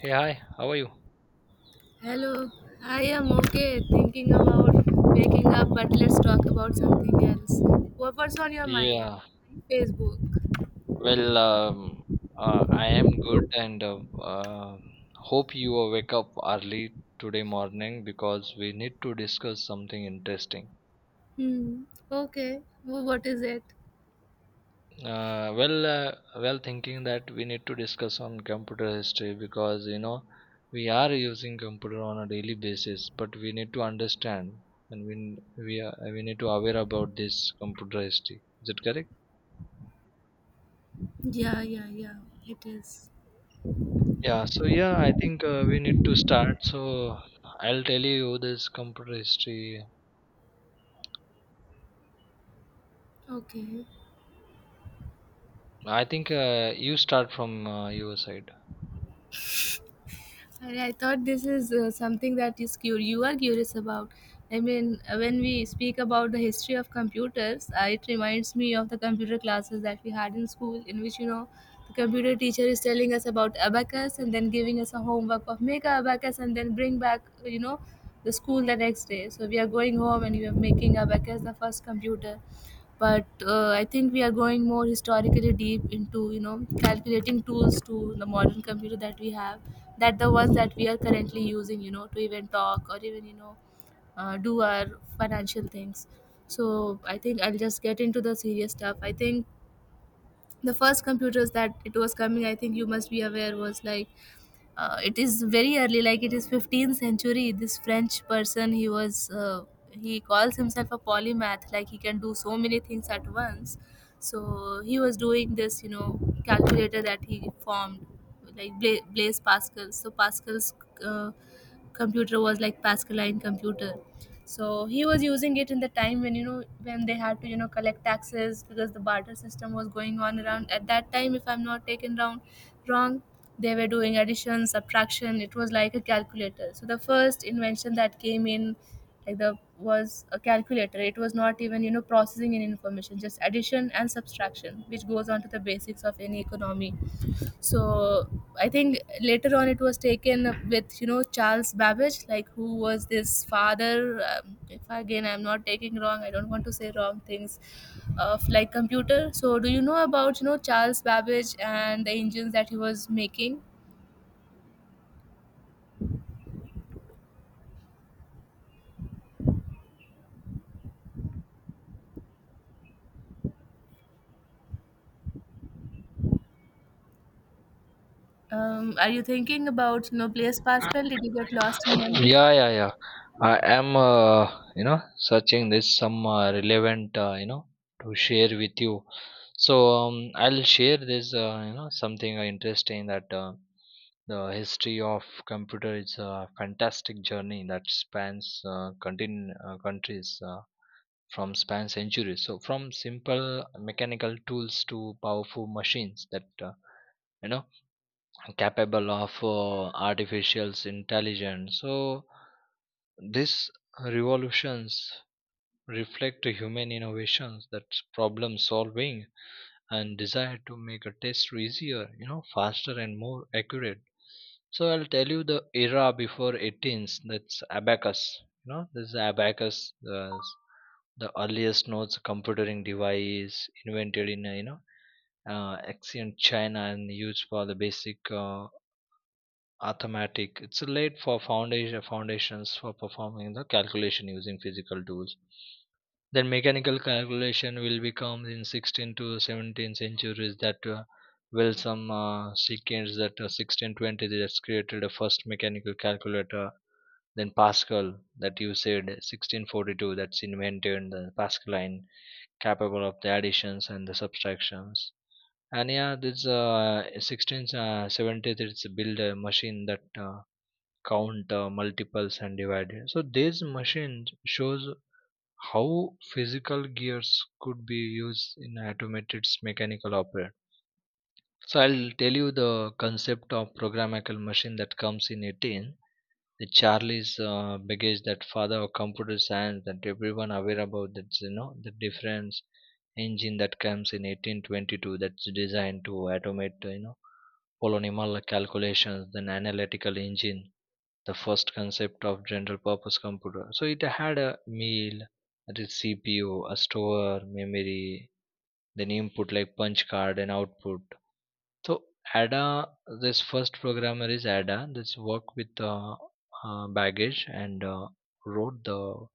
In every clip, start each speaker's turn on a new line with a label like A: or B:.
A: Hey, hi, how are you?
B: Hello, I am okay thinking about waking up, but let's talk about something else. What's on your mind?
A: Yeah,
B: Facebook.
A: well, I am good and hope you will wake up early today morning because we need to discuss something interesting.
B: Hmm. Okay. What is it?
A: Well, thinking that we need to discuss on computer history because we are using computer on a daily basis, but we need to understand and we are, we need to aware about this computer history. Is it correct?
B: Yeah, yeah, yeah, it is.
A: Yeah, so yeah, I think we need to start. So I'll tell you this computer history.
B: Okay.
A: I think you start from your side.
B: And I thought this is something that is you are curious about. I mean, when we speak about the history of computers, it reminds me of the computer classes that we had in school, in which, you know, the computer teacher is telling us about abacus and then giving us a homework of make a abacus and then bring back, you know, the school the next day. So we are going home and we are making abacus, the first computer, but I think we are going more historically deep into, you know, calculating tools to the modern computer that we have, that the ones that we are currently using, you know, to even talk or even, you know, do our financial things. So I think I'll just get into the serious stuff. I think the first computers that it was coming, I think you must be aware, was like, it is very early, like it is 15th century. This french person, he was he calls himself a polymath, like he can do so many things at once. So he was doing this, you know, calculator that he formed, like blaise pascal. So pascal's uh, computer was like pascaline computer. So he was using it in the time when, you know, when they had to, you know, collect taxes because the barter system was going on around at that time, if I'm not taken wrong. They were doing addition subtraction. It was like a calculator. So the first invention that came in, like, the was a calculator. It was not even, you know, processing any information, just addition and subtraction, which goes on to the basics of any economy. So I think later on it was taken up with, you know, charles babbage, like who was this father, if again I'm not taking wrong, I don't want to say wrong things, of like computer. So do you know about, you know, charles babbage and the engines that he was making? Are you thinking about, you know, blaise pascal? Did you get lost in memory?
A: Yeah, yeah, yeah. I am, searching this some relevant, to share with you. So I'll share this, something interesting that the history of computer is a fantastic journey that spans countries. From span centuries, so from simple mechanical tools to powerful machines that you know capable of artificial intelligence. So this revolutions reflect human innovations that's problem solving and desire to make a test easier, faster and more accurate. So I'll tell you the era before 18s, that's abacus. This is abacus, the earliest notes computing device invented in ancient China and used for the basic arithmetic. It's laid for foundations for performing the calculation using physical tools. Then mechanical calculation will become in 16th to 17th centuries that will some sequence that 1620 that's created a first mechanical calculator. Then Pascal that you said 1642 that's invented the Pascaline capable of the additions and the subtractions. And yeah, this 16th, 17th it's build a machine that count multiples and divide. So this machine shows how physical gears could be used in automated mechanical opera. So I'll tell you the concept of programmable machine that comes in 18. The Charlie's baggage, that father of computer science that everyone aware about, that's the difference engine that comes in 1822 that's designed to automate, polynomial calculations, then analytical engine, the first concept of general purpose computer. So it had a meal, a CPU, a store, memory, then input like punch card and output. So Ada, this first programmer is Ada. This worked with baggage and wrote the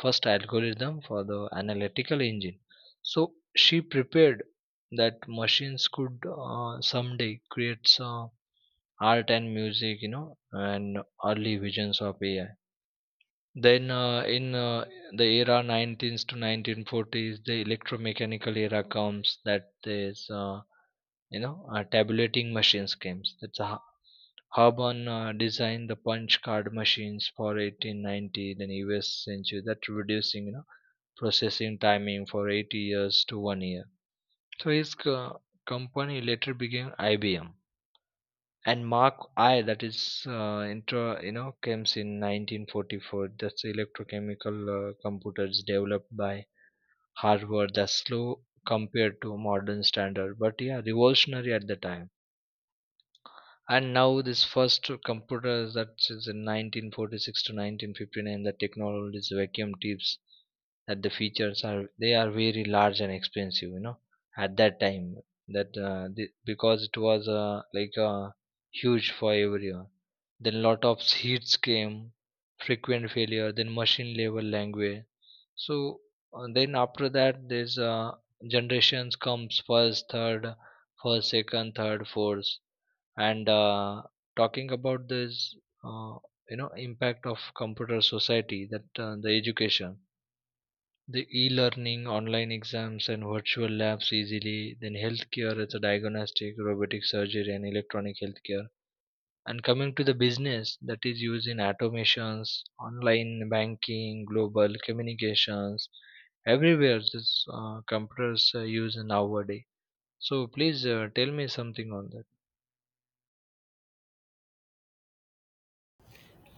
A: first algorithm for the analytical engine. So she prepared that machines could someday create some art and music, and early visions of AI. Then in the era 19th to 1940s, the electromechanical era comes. That is, tabulating machines comes. That's a Harban designed the punch card machines for 1890, then US century. That reducing, processing timing for 80 years to 1 year. So his company later became IBM and Mark I that is inter comes in 1944 that's electrochemical computers developed by Harvard, that's slow compared to modern standard, but yeah, revolutionary at the time. And now this first computer, that is in 1946 to 1959, the technology is vacuum tubes, that the features are they are very large and expensive, at that time, that because it was huge for everyone, then lot of heats came, frequent failure, then machine level language. So then after that there's generations comes first second third fourth, and talking about this uh, impact of computer society, that the education, the e-learning, online exams and virtual labs easily, then healthcare, it's a diagnostic, robotic surgery and electronic healthcare, and coming to the business that is using automations, online banking, global communications. Everywhere this computers are used nowadays. So please tell me something on that.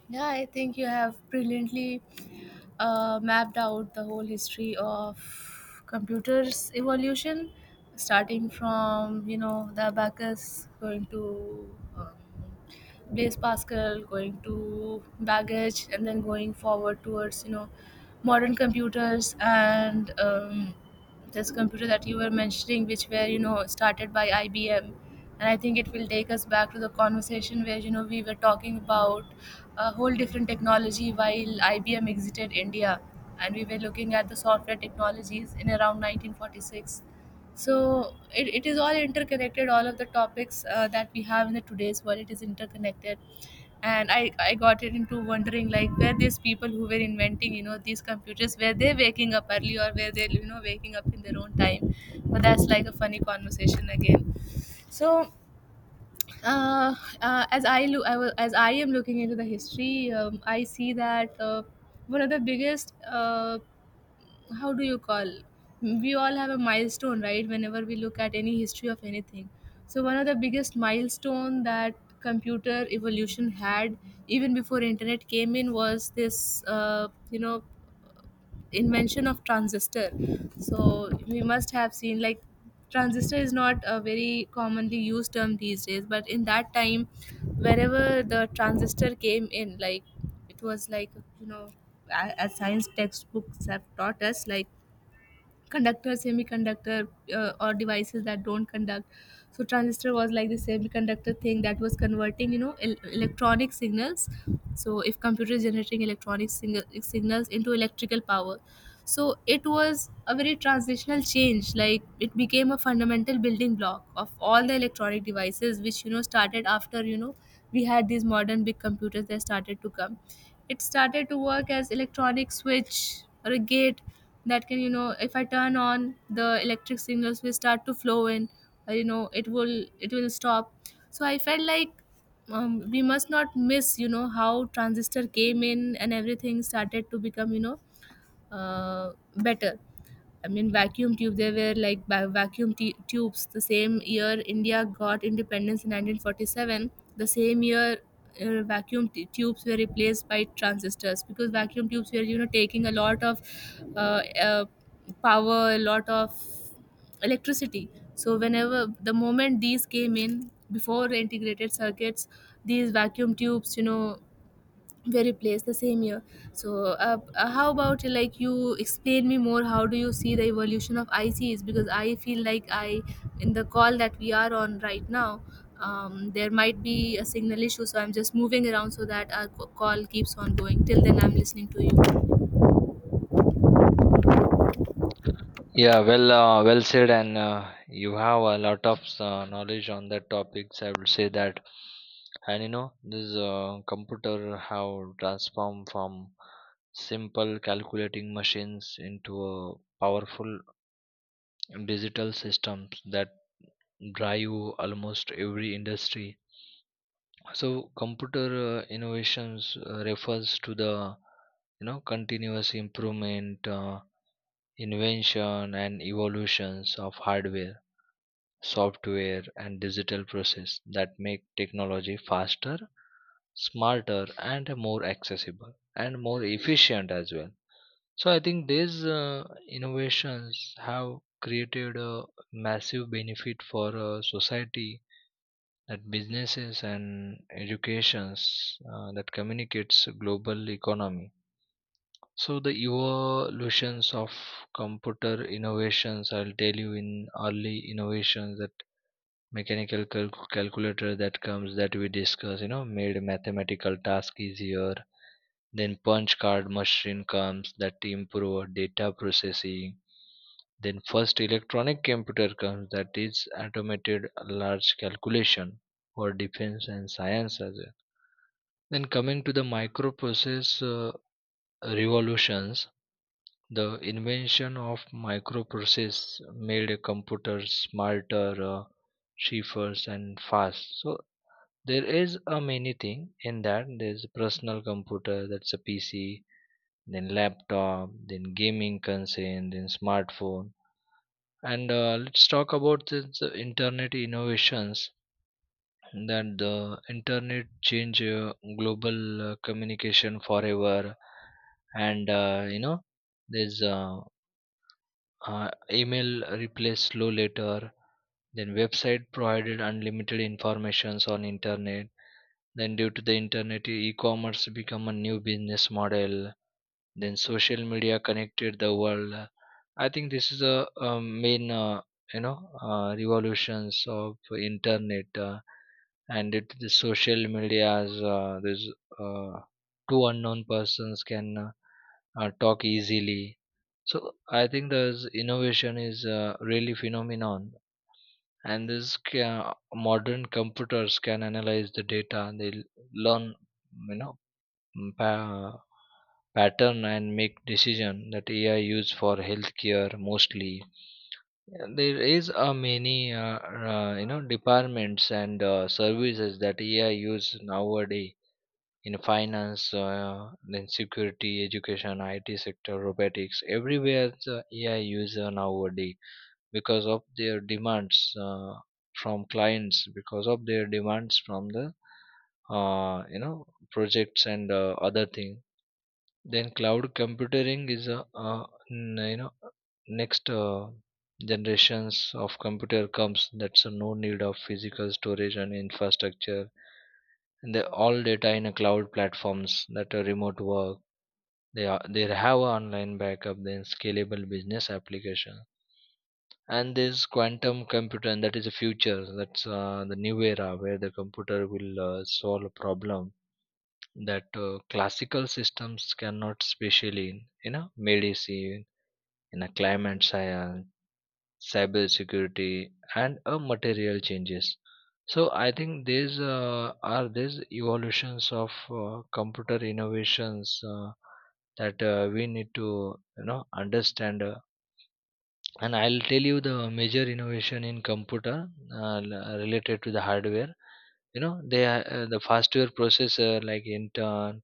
B: Yeah, I think you have brilliantly mapped out the whole history of computers evolution, starting from, you know, the abacus, going to blaise pascal, going to baggage, and then going forward towards, you know, modern computers. And this computer that you were mentioning, which were, you know, started by IBM, and I think it will take us back to the conversation where, you know, we were talking about a whole different technology while IBM exited India, and we were looking at the software technologies in around 1946. So it is all interconnected. All of the topics that we have in the today's world, it is interconnected. And I got it into wondering like, were these people who were inventing, you know, these computers, were they waking up early, or were they, you know, waking up in their own time? But that's like a funny conversation again. So uh, as I look, I will, as I am looking into the history, I see that one of the biggest, how do you call, we all have a milestone, right, whenever we look at any history of anything. So one of the biggest milestone that computer evolution had, even before internet came in, was this, you know, invention of transistor. So we must have seen, like, transistor is not a very commonly used term these days, but in that time, wherever the transistor came in, like, it was like, you know, as science textbooks have taught us, like conductor, semiconductor, or devices that don't conduct. So transistor was like the semiconductor thing that was converting, you know, electronic signals. So if computer is generating electronic signals into electrical power, so it was a very transitional change. Like, it became a fundamental building block of all the electronic devices, which, you know, started after, you know, we had these modern big computers that started to come. It started to work as electronic switch or a gate, that can, you know, if I turn on, the electric signals will start to flow in. You know, it will, it will stop. So I felt like, we must not miss, you know, how transistor came in and everything started to become, you know, better. I mean, vacuum tube. They were like vacuum tubes. The same year India got independence, in 1947. The same year, vacuum tubes were replaced by transistors, because vacuum tubes were, you know, taking a lot of uh, uh, power, a lot of electricity. So whenever the moment these came in before integrated circuits, these vacuum tubes, you know, very place the same year. So how about, like, you explain me more, how do you see the evolution of ics? Because I feel like I, in the call that we are on right now, there might be a signal issue, so I'm just moving around so that our call keeps on going. Till then, I'm listening to you.
A: Yeah, well, well said, and you have a lot of knowledge on that topics. I would say that, and this computer have transformed from simple calculating machines into a powerful digital systems that drive almost every industry. So, computer innovations refers to the continuous improvement, invention, and evolutions of hardware, software and digital process that make technology faster, smarter, and more accessible and more efficient as well. So I think these innovations have created a massive benefit for society, that businesses and educations that communicates global economy. So the evolutions of computer innovations, I'll tell you in early innovations that mechanical calculator that comes, that we discuss, made mathematical task easier, then punch card machine comes that improve data processing, then first electronic computer comes that is automated large calculation for defense and science as well. Then coming to the microprocess revolutions, the invention of microprocess made computers smarter, cheaper and fast. So there is a many thing in that, there's a personal computer that's a PC, then laptop, then gaming concern, then smartphone. And let's talk about this internet innovations, that the internet change global communication forever, and there's email replace slow letter, then website provided unlimited informations on internet, then due to the internet e- commerce become a new business model, then social media connected the world. I think this is a main revolutions of internet, and it, the social medias there's uh, two unknown persons can talk easily. So I think the innovation is really phenomenon, and this modern computers can analyze the data and they learn, you know mm, pa- pattern and make decision that ai use for healthcare mostly. And there is a many departments and services that ai use nowadays in finance, then security, education, it sector, robotics, everywhere the ai user nowadays because of their demands, from clients, because of their demands from the uh, you know projects and other thing. Then cloud computing is a n- you know next generations of computer comes, that's a no need of physical storage and infrastructure, and the all data in a cloud platforms that are remote work, they have a online backup, then scalable business application. And this quantum computer, and that is the future, that's the new era where the computer will solve a problem that classical systems cannot, especially in medicine, in a climate science, cyber security and material changes. So I think these are these evolutions of computer innovations, that we need to understand, and I'll tell you the major innovation in computer related to the hardware. They are the faster processor like Intel,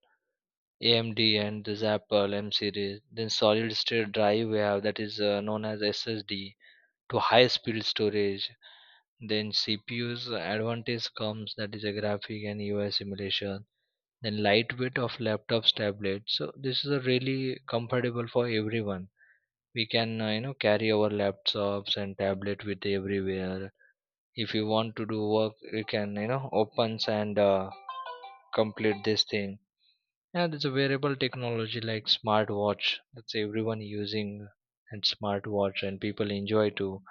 A: amd and this apple m series, then solid state drive we have, that is known as ssd to high speed storage. Then cpu's advantage comes, that is a graphic and ui simulation, then lightweight of laptops tablets, so this is a really comfortable for everyone. We can carry our laptops and tablet with everywhere. If you want to do work, you can opens and complete this thing. And it's a wearable technology like smartwatch that's everyone using, and smartwatch and people enjoy to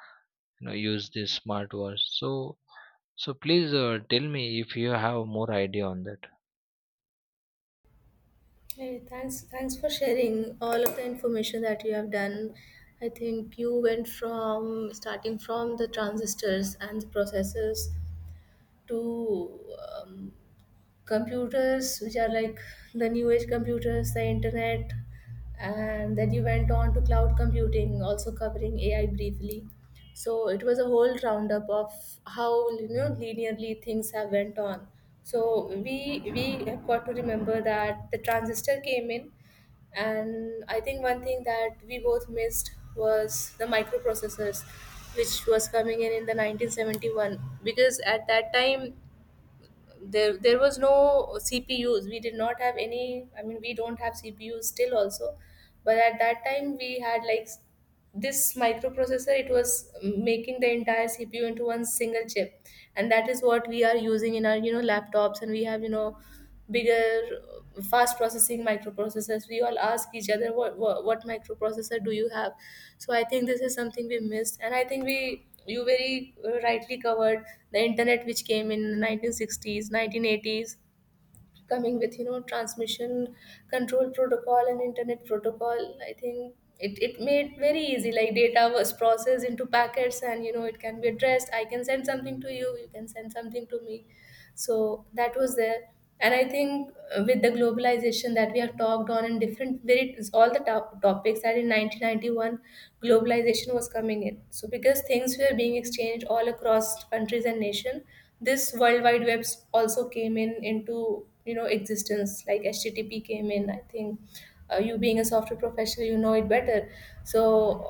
A: use this smartwatch. So please tell me if you have more idea on that.
B: Hey, thanks, thanks for sharing all of the information that you have done. I think you went from starting from the transistors and the processors to um, computers which are like the new age computers, the internet, and then you went on to cloud computing, also covering ai briefly. So it was a whole roundup of how, you know, linearly things have went on. So we have got to remember that the transistor came in. And I think one thing that we both missed was the microprocessors, which was coming in the 1971, because at that time, there was no CPUs. We did not have any. I mean, we don't have CPUs still also, but at that time we had like, this microprocessor. It was making the entire CPU into one single chip, and that is what we are using in our, you know, laptops. And we have, you know, bigger fast processing microprocessors. We all ask each other, what microprocessor do you have? So I think this is something we missed. And I think we, you very rightly covered the internet, which came in 1960s, 1980s, coming with, you know, transmission control protocol and internet protocol. I think it made very easy, like data was processed into packets, and, you know, it can be addressed. I can send something to you, you can send something to me. So that was there. And I think with the globalization that we have talked on in different, very all the top topics, that in 1991, globalization was coming in. So because things were being exchanged all across countries and nation, this world wide web also came in into, you know, existence, like http came in. I think you being a software professional, you know it better. So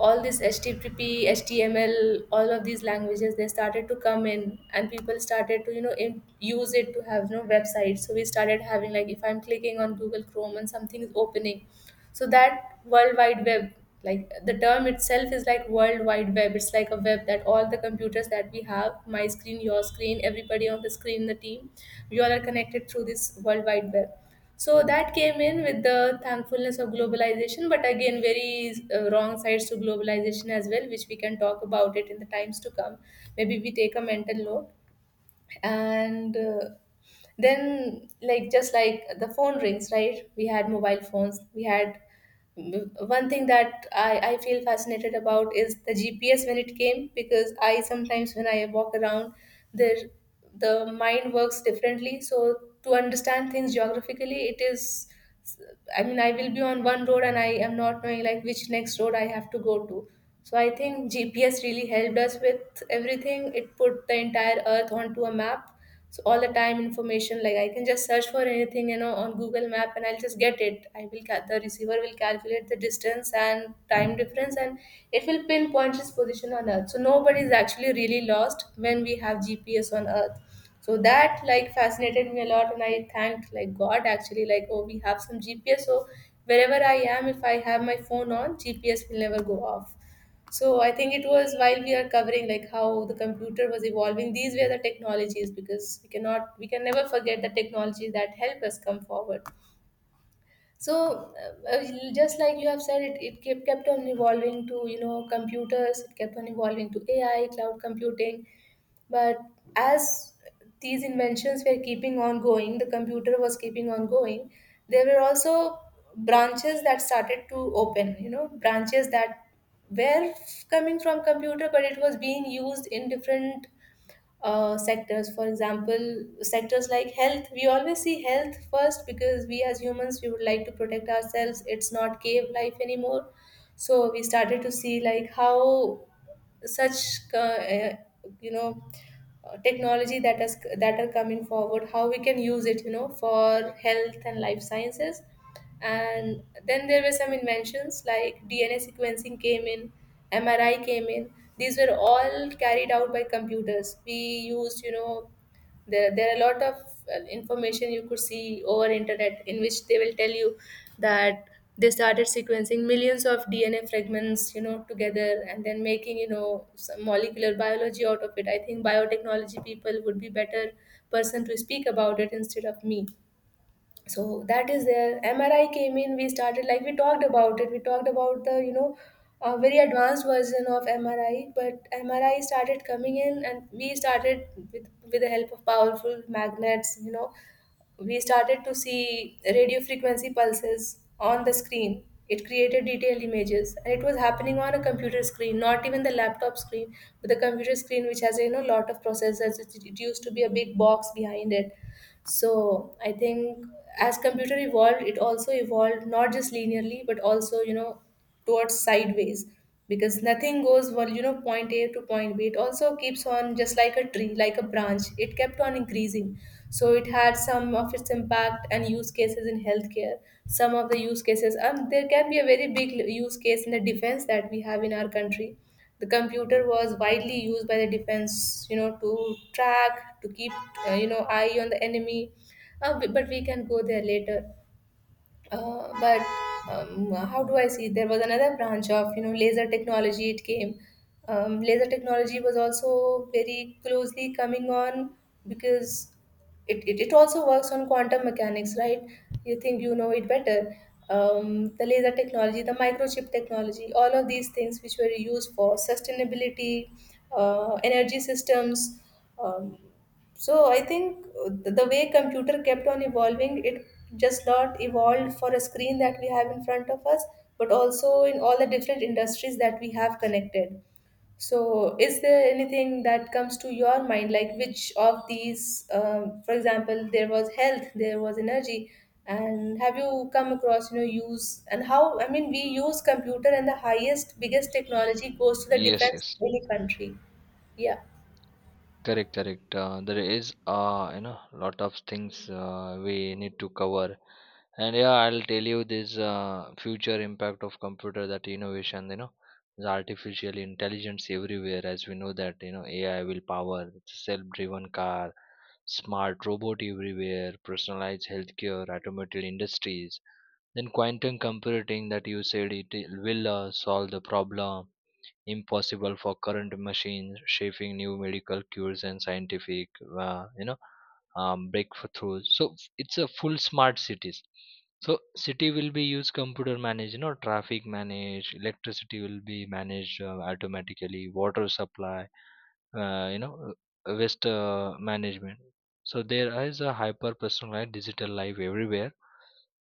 B: all this http html, all of these languages, they started to come in, and people started to, you know, use it to have, you know, websites. So we started having, like, if I'm clicking on google chrome and something is opening. So that world wide web, like the term itself is like world wide web, it's like a web that all the computers that we have, my screen, your screen, everybody on the screen in the team, we all are connected through this world wide web. So that came in with the thankfulness of globalization, but again, very wrong sides to globalization as well, which we can talk about it in the times to come. Maybe we take a mental note. And then, like, just like the phone rings, right? We had mobile phones, we had one thing that I feel fascinated about is the GPS, when it came, because I sometimes when I walk around, there, the mind works differently. So to understand things geographically, it is, I mean, I will be on one road and I am not knowing like which next road I have to go to. So I think GPS really helped us with everything. It put the entire earth onto a map, so all the time information, like I can just search for anything, you know, on Google Map and I'll just get it. The receiver will calculate the distance and time difference, and it will pinpoint its position on earth. So nobody is actually really lost when we have GPS on earth. So that like fascinated me a lot, and I thanked like God actually, like oh, we have some GPS. So wherever I am, if I have my phone on, GPS will never go off. So I think it was while we are covering like how the computer was evolving. These were the technologies, because we cannot, we can never forget the technology that help us come forward. So uh, uh, just like you have said, it kept on evolving to, you know, computers. It kept on evolving to AI, cloud computing. But as these inventions were keeping on going, the computer was keeping on going, there were also branches that started to open, you know, branches that were coming from computer, but it was being used in different sectors. For example, sectors like health. We always see health first, because we as humans, we would like to protect ourselves. It's not cave life anymore. So we started to see like how such you know technology that has, that are coming forward, how we can use it, you know, for health and life sciences. And then there were some inventions like DNA sequencing came in, MRI came in. These were all carried out by computers. We used, you know, there are a lot of information you could see over internet in which they will tell you that they started sequencing millions of DNA fragments, you know, together, and then making, you know, some molecular biology out of it. I think biotechnology people would be better person to speak about it instead of me. So that is there. MRI came in. We started, like we talked about it, we talked about the, you know, a very advanced version of MRI, but MRI started coming in, and we started with the help of powerful magnets, you know, we started to see radio frequency pulses on the screen. It created detailed images, and it was happening on a computer screen, not even the laptop screen, but the computer screen, which has a, you know, lot of processors. It used to be a big box behind it. So I think as computer evolved, it also evolved not just linearly, but also, you know, towards sideways, because nothing goes well, you know, point A to point B. It also keeps on, just like a tree, like a branch, it kept on increasing. So it had some of its impact and use cases in healthcare. Some of the use cases, and there can be a very big use case in the defense that we have in our country. The computer was widely used by the defense, you know, to track, to keep, you know, eye on the enemy. But we can go there later. But how do I see? There was another branch of, you know, laser technology. It came. Laser technology was also very closely coming on, because it also works on quantum mechanics, right? You think you know it better. The laser technology, the microchip technology, all of these things which were used for sustainability, energy systems. Um, so I think the way computer kept on evolving, it just not evolved for a screen that we have in front of us, but also in all the different industries that we have connected. So is there anything that comes to your mind, like which of these, for example, there was health, there was energy, and have you come across, you know, use and how, I mean, we use computer, and the highest, biggest technology goes to the
A: Yes,
B: defense
A: yes.
B: of any country. Yeah.
A: Correct, correct. There is lot of things we need to cover, and yeah, I'll tell you this future impact of computer that innovation. The artificial intelligence everywhere, as we know that AI will power self-driven car, smart robot everywhere, personalized healthcare, automotive industries. Then quantum computing that you said it will solve the problem impossible for current machines, shaping new medical cures and scientific uh, you know breakthroughs, so it's a full smart cities. So city will be use computer manage, traffic manage, electricity will be managed automatically, water supply, uh, you know waste management. So there is a hyper personalized digital life everywhere,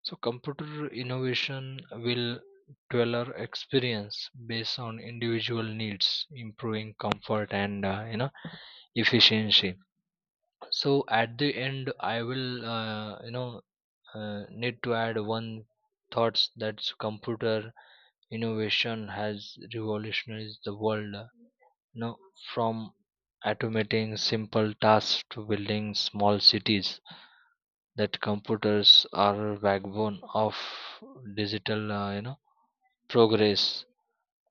A: so computer innovation will tailor experience based on individual needs, improving comfort and efficiency. So at the end, I will need to add one thoughts that computer innovation has revolutionized the world. You know, from automating simple tasks to building small cities, that computers are backbone of digital progress,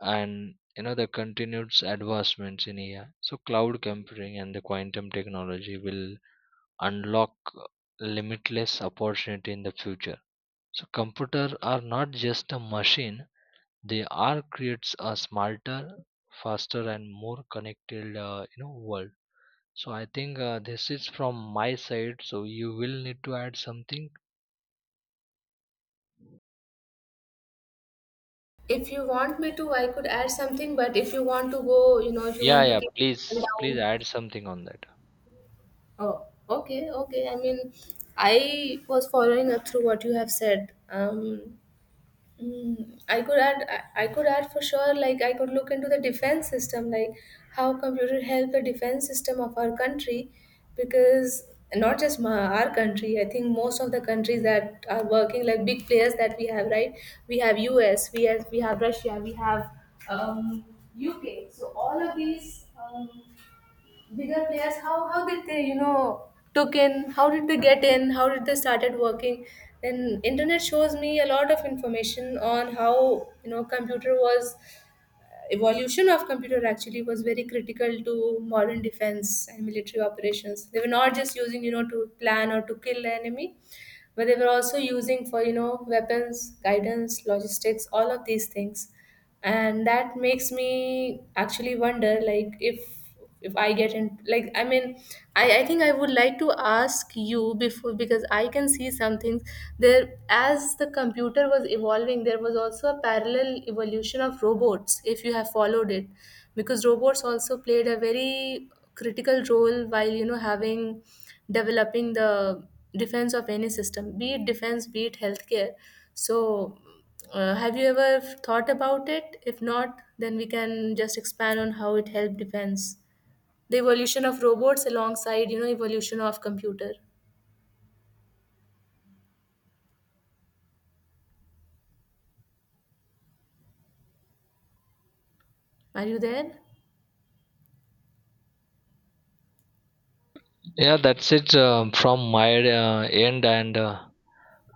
A: and the continued advancements in AI. So cloud computing and the quantum technology will unlock limitless opportunity in the future. So computer are not just a machine; they are creates a smarter, faster, and more connected world. So I think this is from my side. So you will need to add something.
B: If you want me to, I could add something, but if you want to go, you know, if you
A: Yeah,
B: want to
A: yeah.
B: keep it
A: Please, please
B: down.
A: add something on that.
B: Oh, okay, okay. I mean, I was following up through what you have said. I could add, I could add for sure. Like I could look into the defense system, like how computer help the defense system of our country, because not just my, our country. I think most of the countries that are working, like big players that we have, right? We have US, we have Russia, we have um, UK. So all of these. Bigger players, how did they, you know, took in, how did they get in, how did they started working, and internet shows me a lot of information on how, you know, computer was, evolution of computer actually was very critical to modern defense and military operations. They were not just using, you know, to plan or to kill the enemy, but they were also using for, you know, weapons guidance, logistics, all of these things. And that makes me actually wonder like if I get in, like I mean, I think I would like to ask you before, because I can see some things there. As the computer was evolving, there was also a parallel evolution of robots, if you have followed it, because robots also played a very critical role while, you know, having, developing the defense of any system, be it defense, be it healthcare. So have you ever thought about it? If not, then we can just expand on how it helped defense, the evolution of robots alongside, you know, evolution of computer. Are you there?
A: Yeah, that's it from my end, and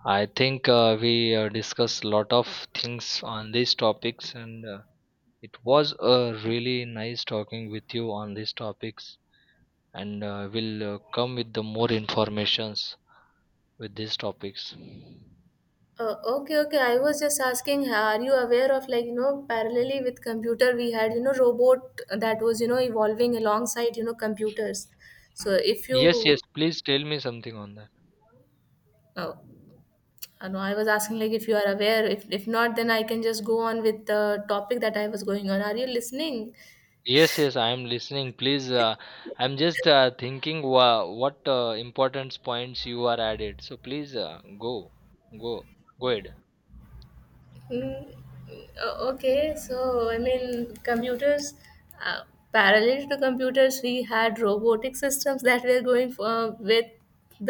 A: I think we discussed a lot of things on these topics, and it was really nice talking with you on these topics. And we'll come with the more informations with these topics.
B: Okay, okay. I was just asking, are you aware of like, you know, parallelly with computer, we had, you know, robot that was, you know, evolving alongside, you know, computers. So if
A: Yes,
B: you,
A: yes. Please tell me something on that.
B: oh, I know, I was asking like if you are aware. If not, then I can just go on with the topic that I was going on. Are you listening?
A: Yes, yes, I am listening. Please, I'm just thinking what important points you are added. So please go, go, go ahead.
B: Mm, okay, so I mean, computers, uh, parallel to computers, we had robotic systems that were going for, with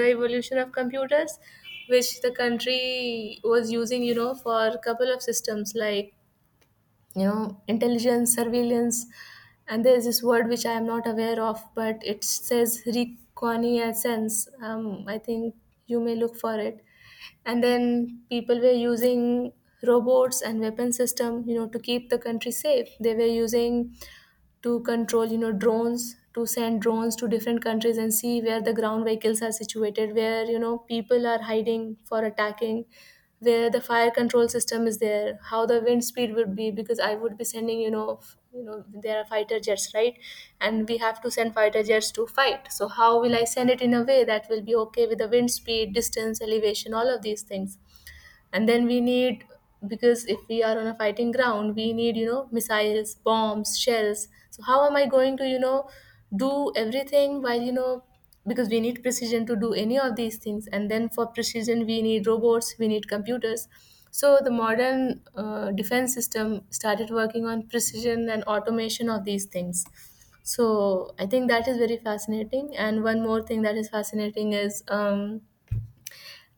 B: the evolution of computers, which the country was using, you know, for a couple of systems like, you know, intelligence, surveillance, and there's this word which I am not aware of, but it says reconnaissance. I think you may look for it. And then people were using robots and weapon system, you know, to keep the country safe. They were using to control, you know, drones, to send drones to different countries and see where the ground vehicles are situated, where, you know, people are hiding for attacking, where the fire control system is there, how the wind speed would be, because I would be sending, you know, you know, there are fighter jets, right? And we have to send fighter jets to fight. So how will I send it in a way that will be okay with the wind speed, distance, elevation, all of these things? And then we need, because if we are on a fighting ground, we need, you know, missiles, bombs, shells. So how am I going to, you know, do everything, while, you know, because we need precision to do any of these things. And then for precision, we need robots, we need computers. So the modern defense system started working on precision and automation of these things. So I think that is very fascinating. And one more thing that is fascinating is,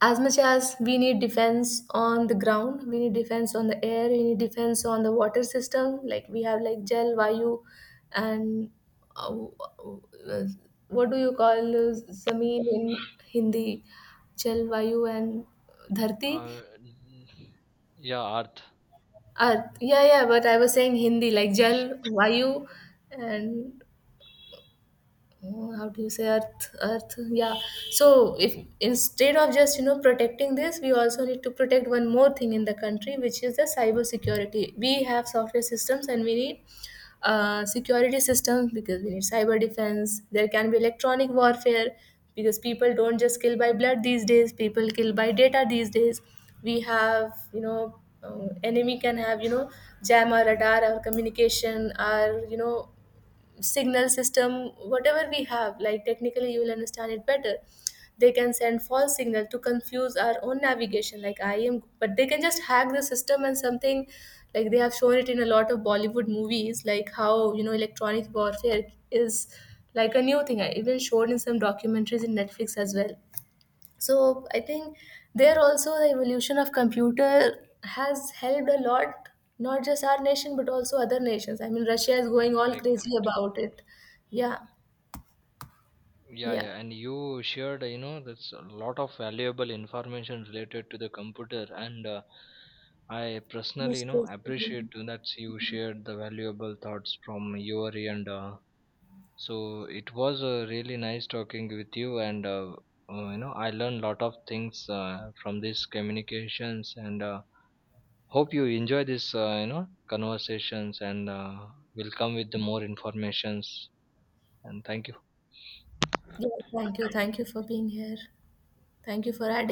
B: as much as we need defense on the ground, we need defense on the air, we need defense on the water system, like we have like jal vayu. And uh, uh, what do you call zameen in Hindi? Jal vayu and dharti.
A: Uh, n- yeah, Arth.
B: Earth, yeah, yeah. But I was saying Hindi, like jal vayu and, oh, how do you say earth? Earth, yeah. So if instead of just, you know, protecting this, we also need to protect one more thing in the country, which is the cyber security. We have software systems, and we need security systems, because we need cyber defense. There can be electronic warfare, because people don't just kill by blood these days, people kill by data these days. We have, you know, enemy can have, you know, jam our radar, our communication, our, you know, signal system, whatever we have, like technically you will understand it better. They can send false signal to confuse our own navigation, like I am, but they can just hack the system and something, like they have shown it in a lot of Bollywood movies, like how, you know, electronic warfare is like a new thing. I even showed in some documentaries in Netflix as well. So I think there also the evolution of computer has helped a lot, not just our nation but also other nations. I mean Russia is going all
A: Correct,
B: crazy
A: correct.
B: about it. Yeah,
A: Yeah,
B: yeah.
A: yeah, and you shared, that's a lot of valuable information related to the computer, and I personally,
B: Most crazy.
A: appreciate that you shared the valuable thoughts from your end. So it was really nice talking with you, and I learned lot of things from these communications, and hope you enjoy this conversations, and will come with the more informations. And thank you.
B: Yeah, thank you, thank you for being here. Thank you for adding.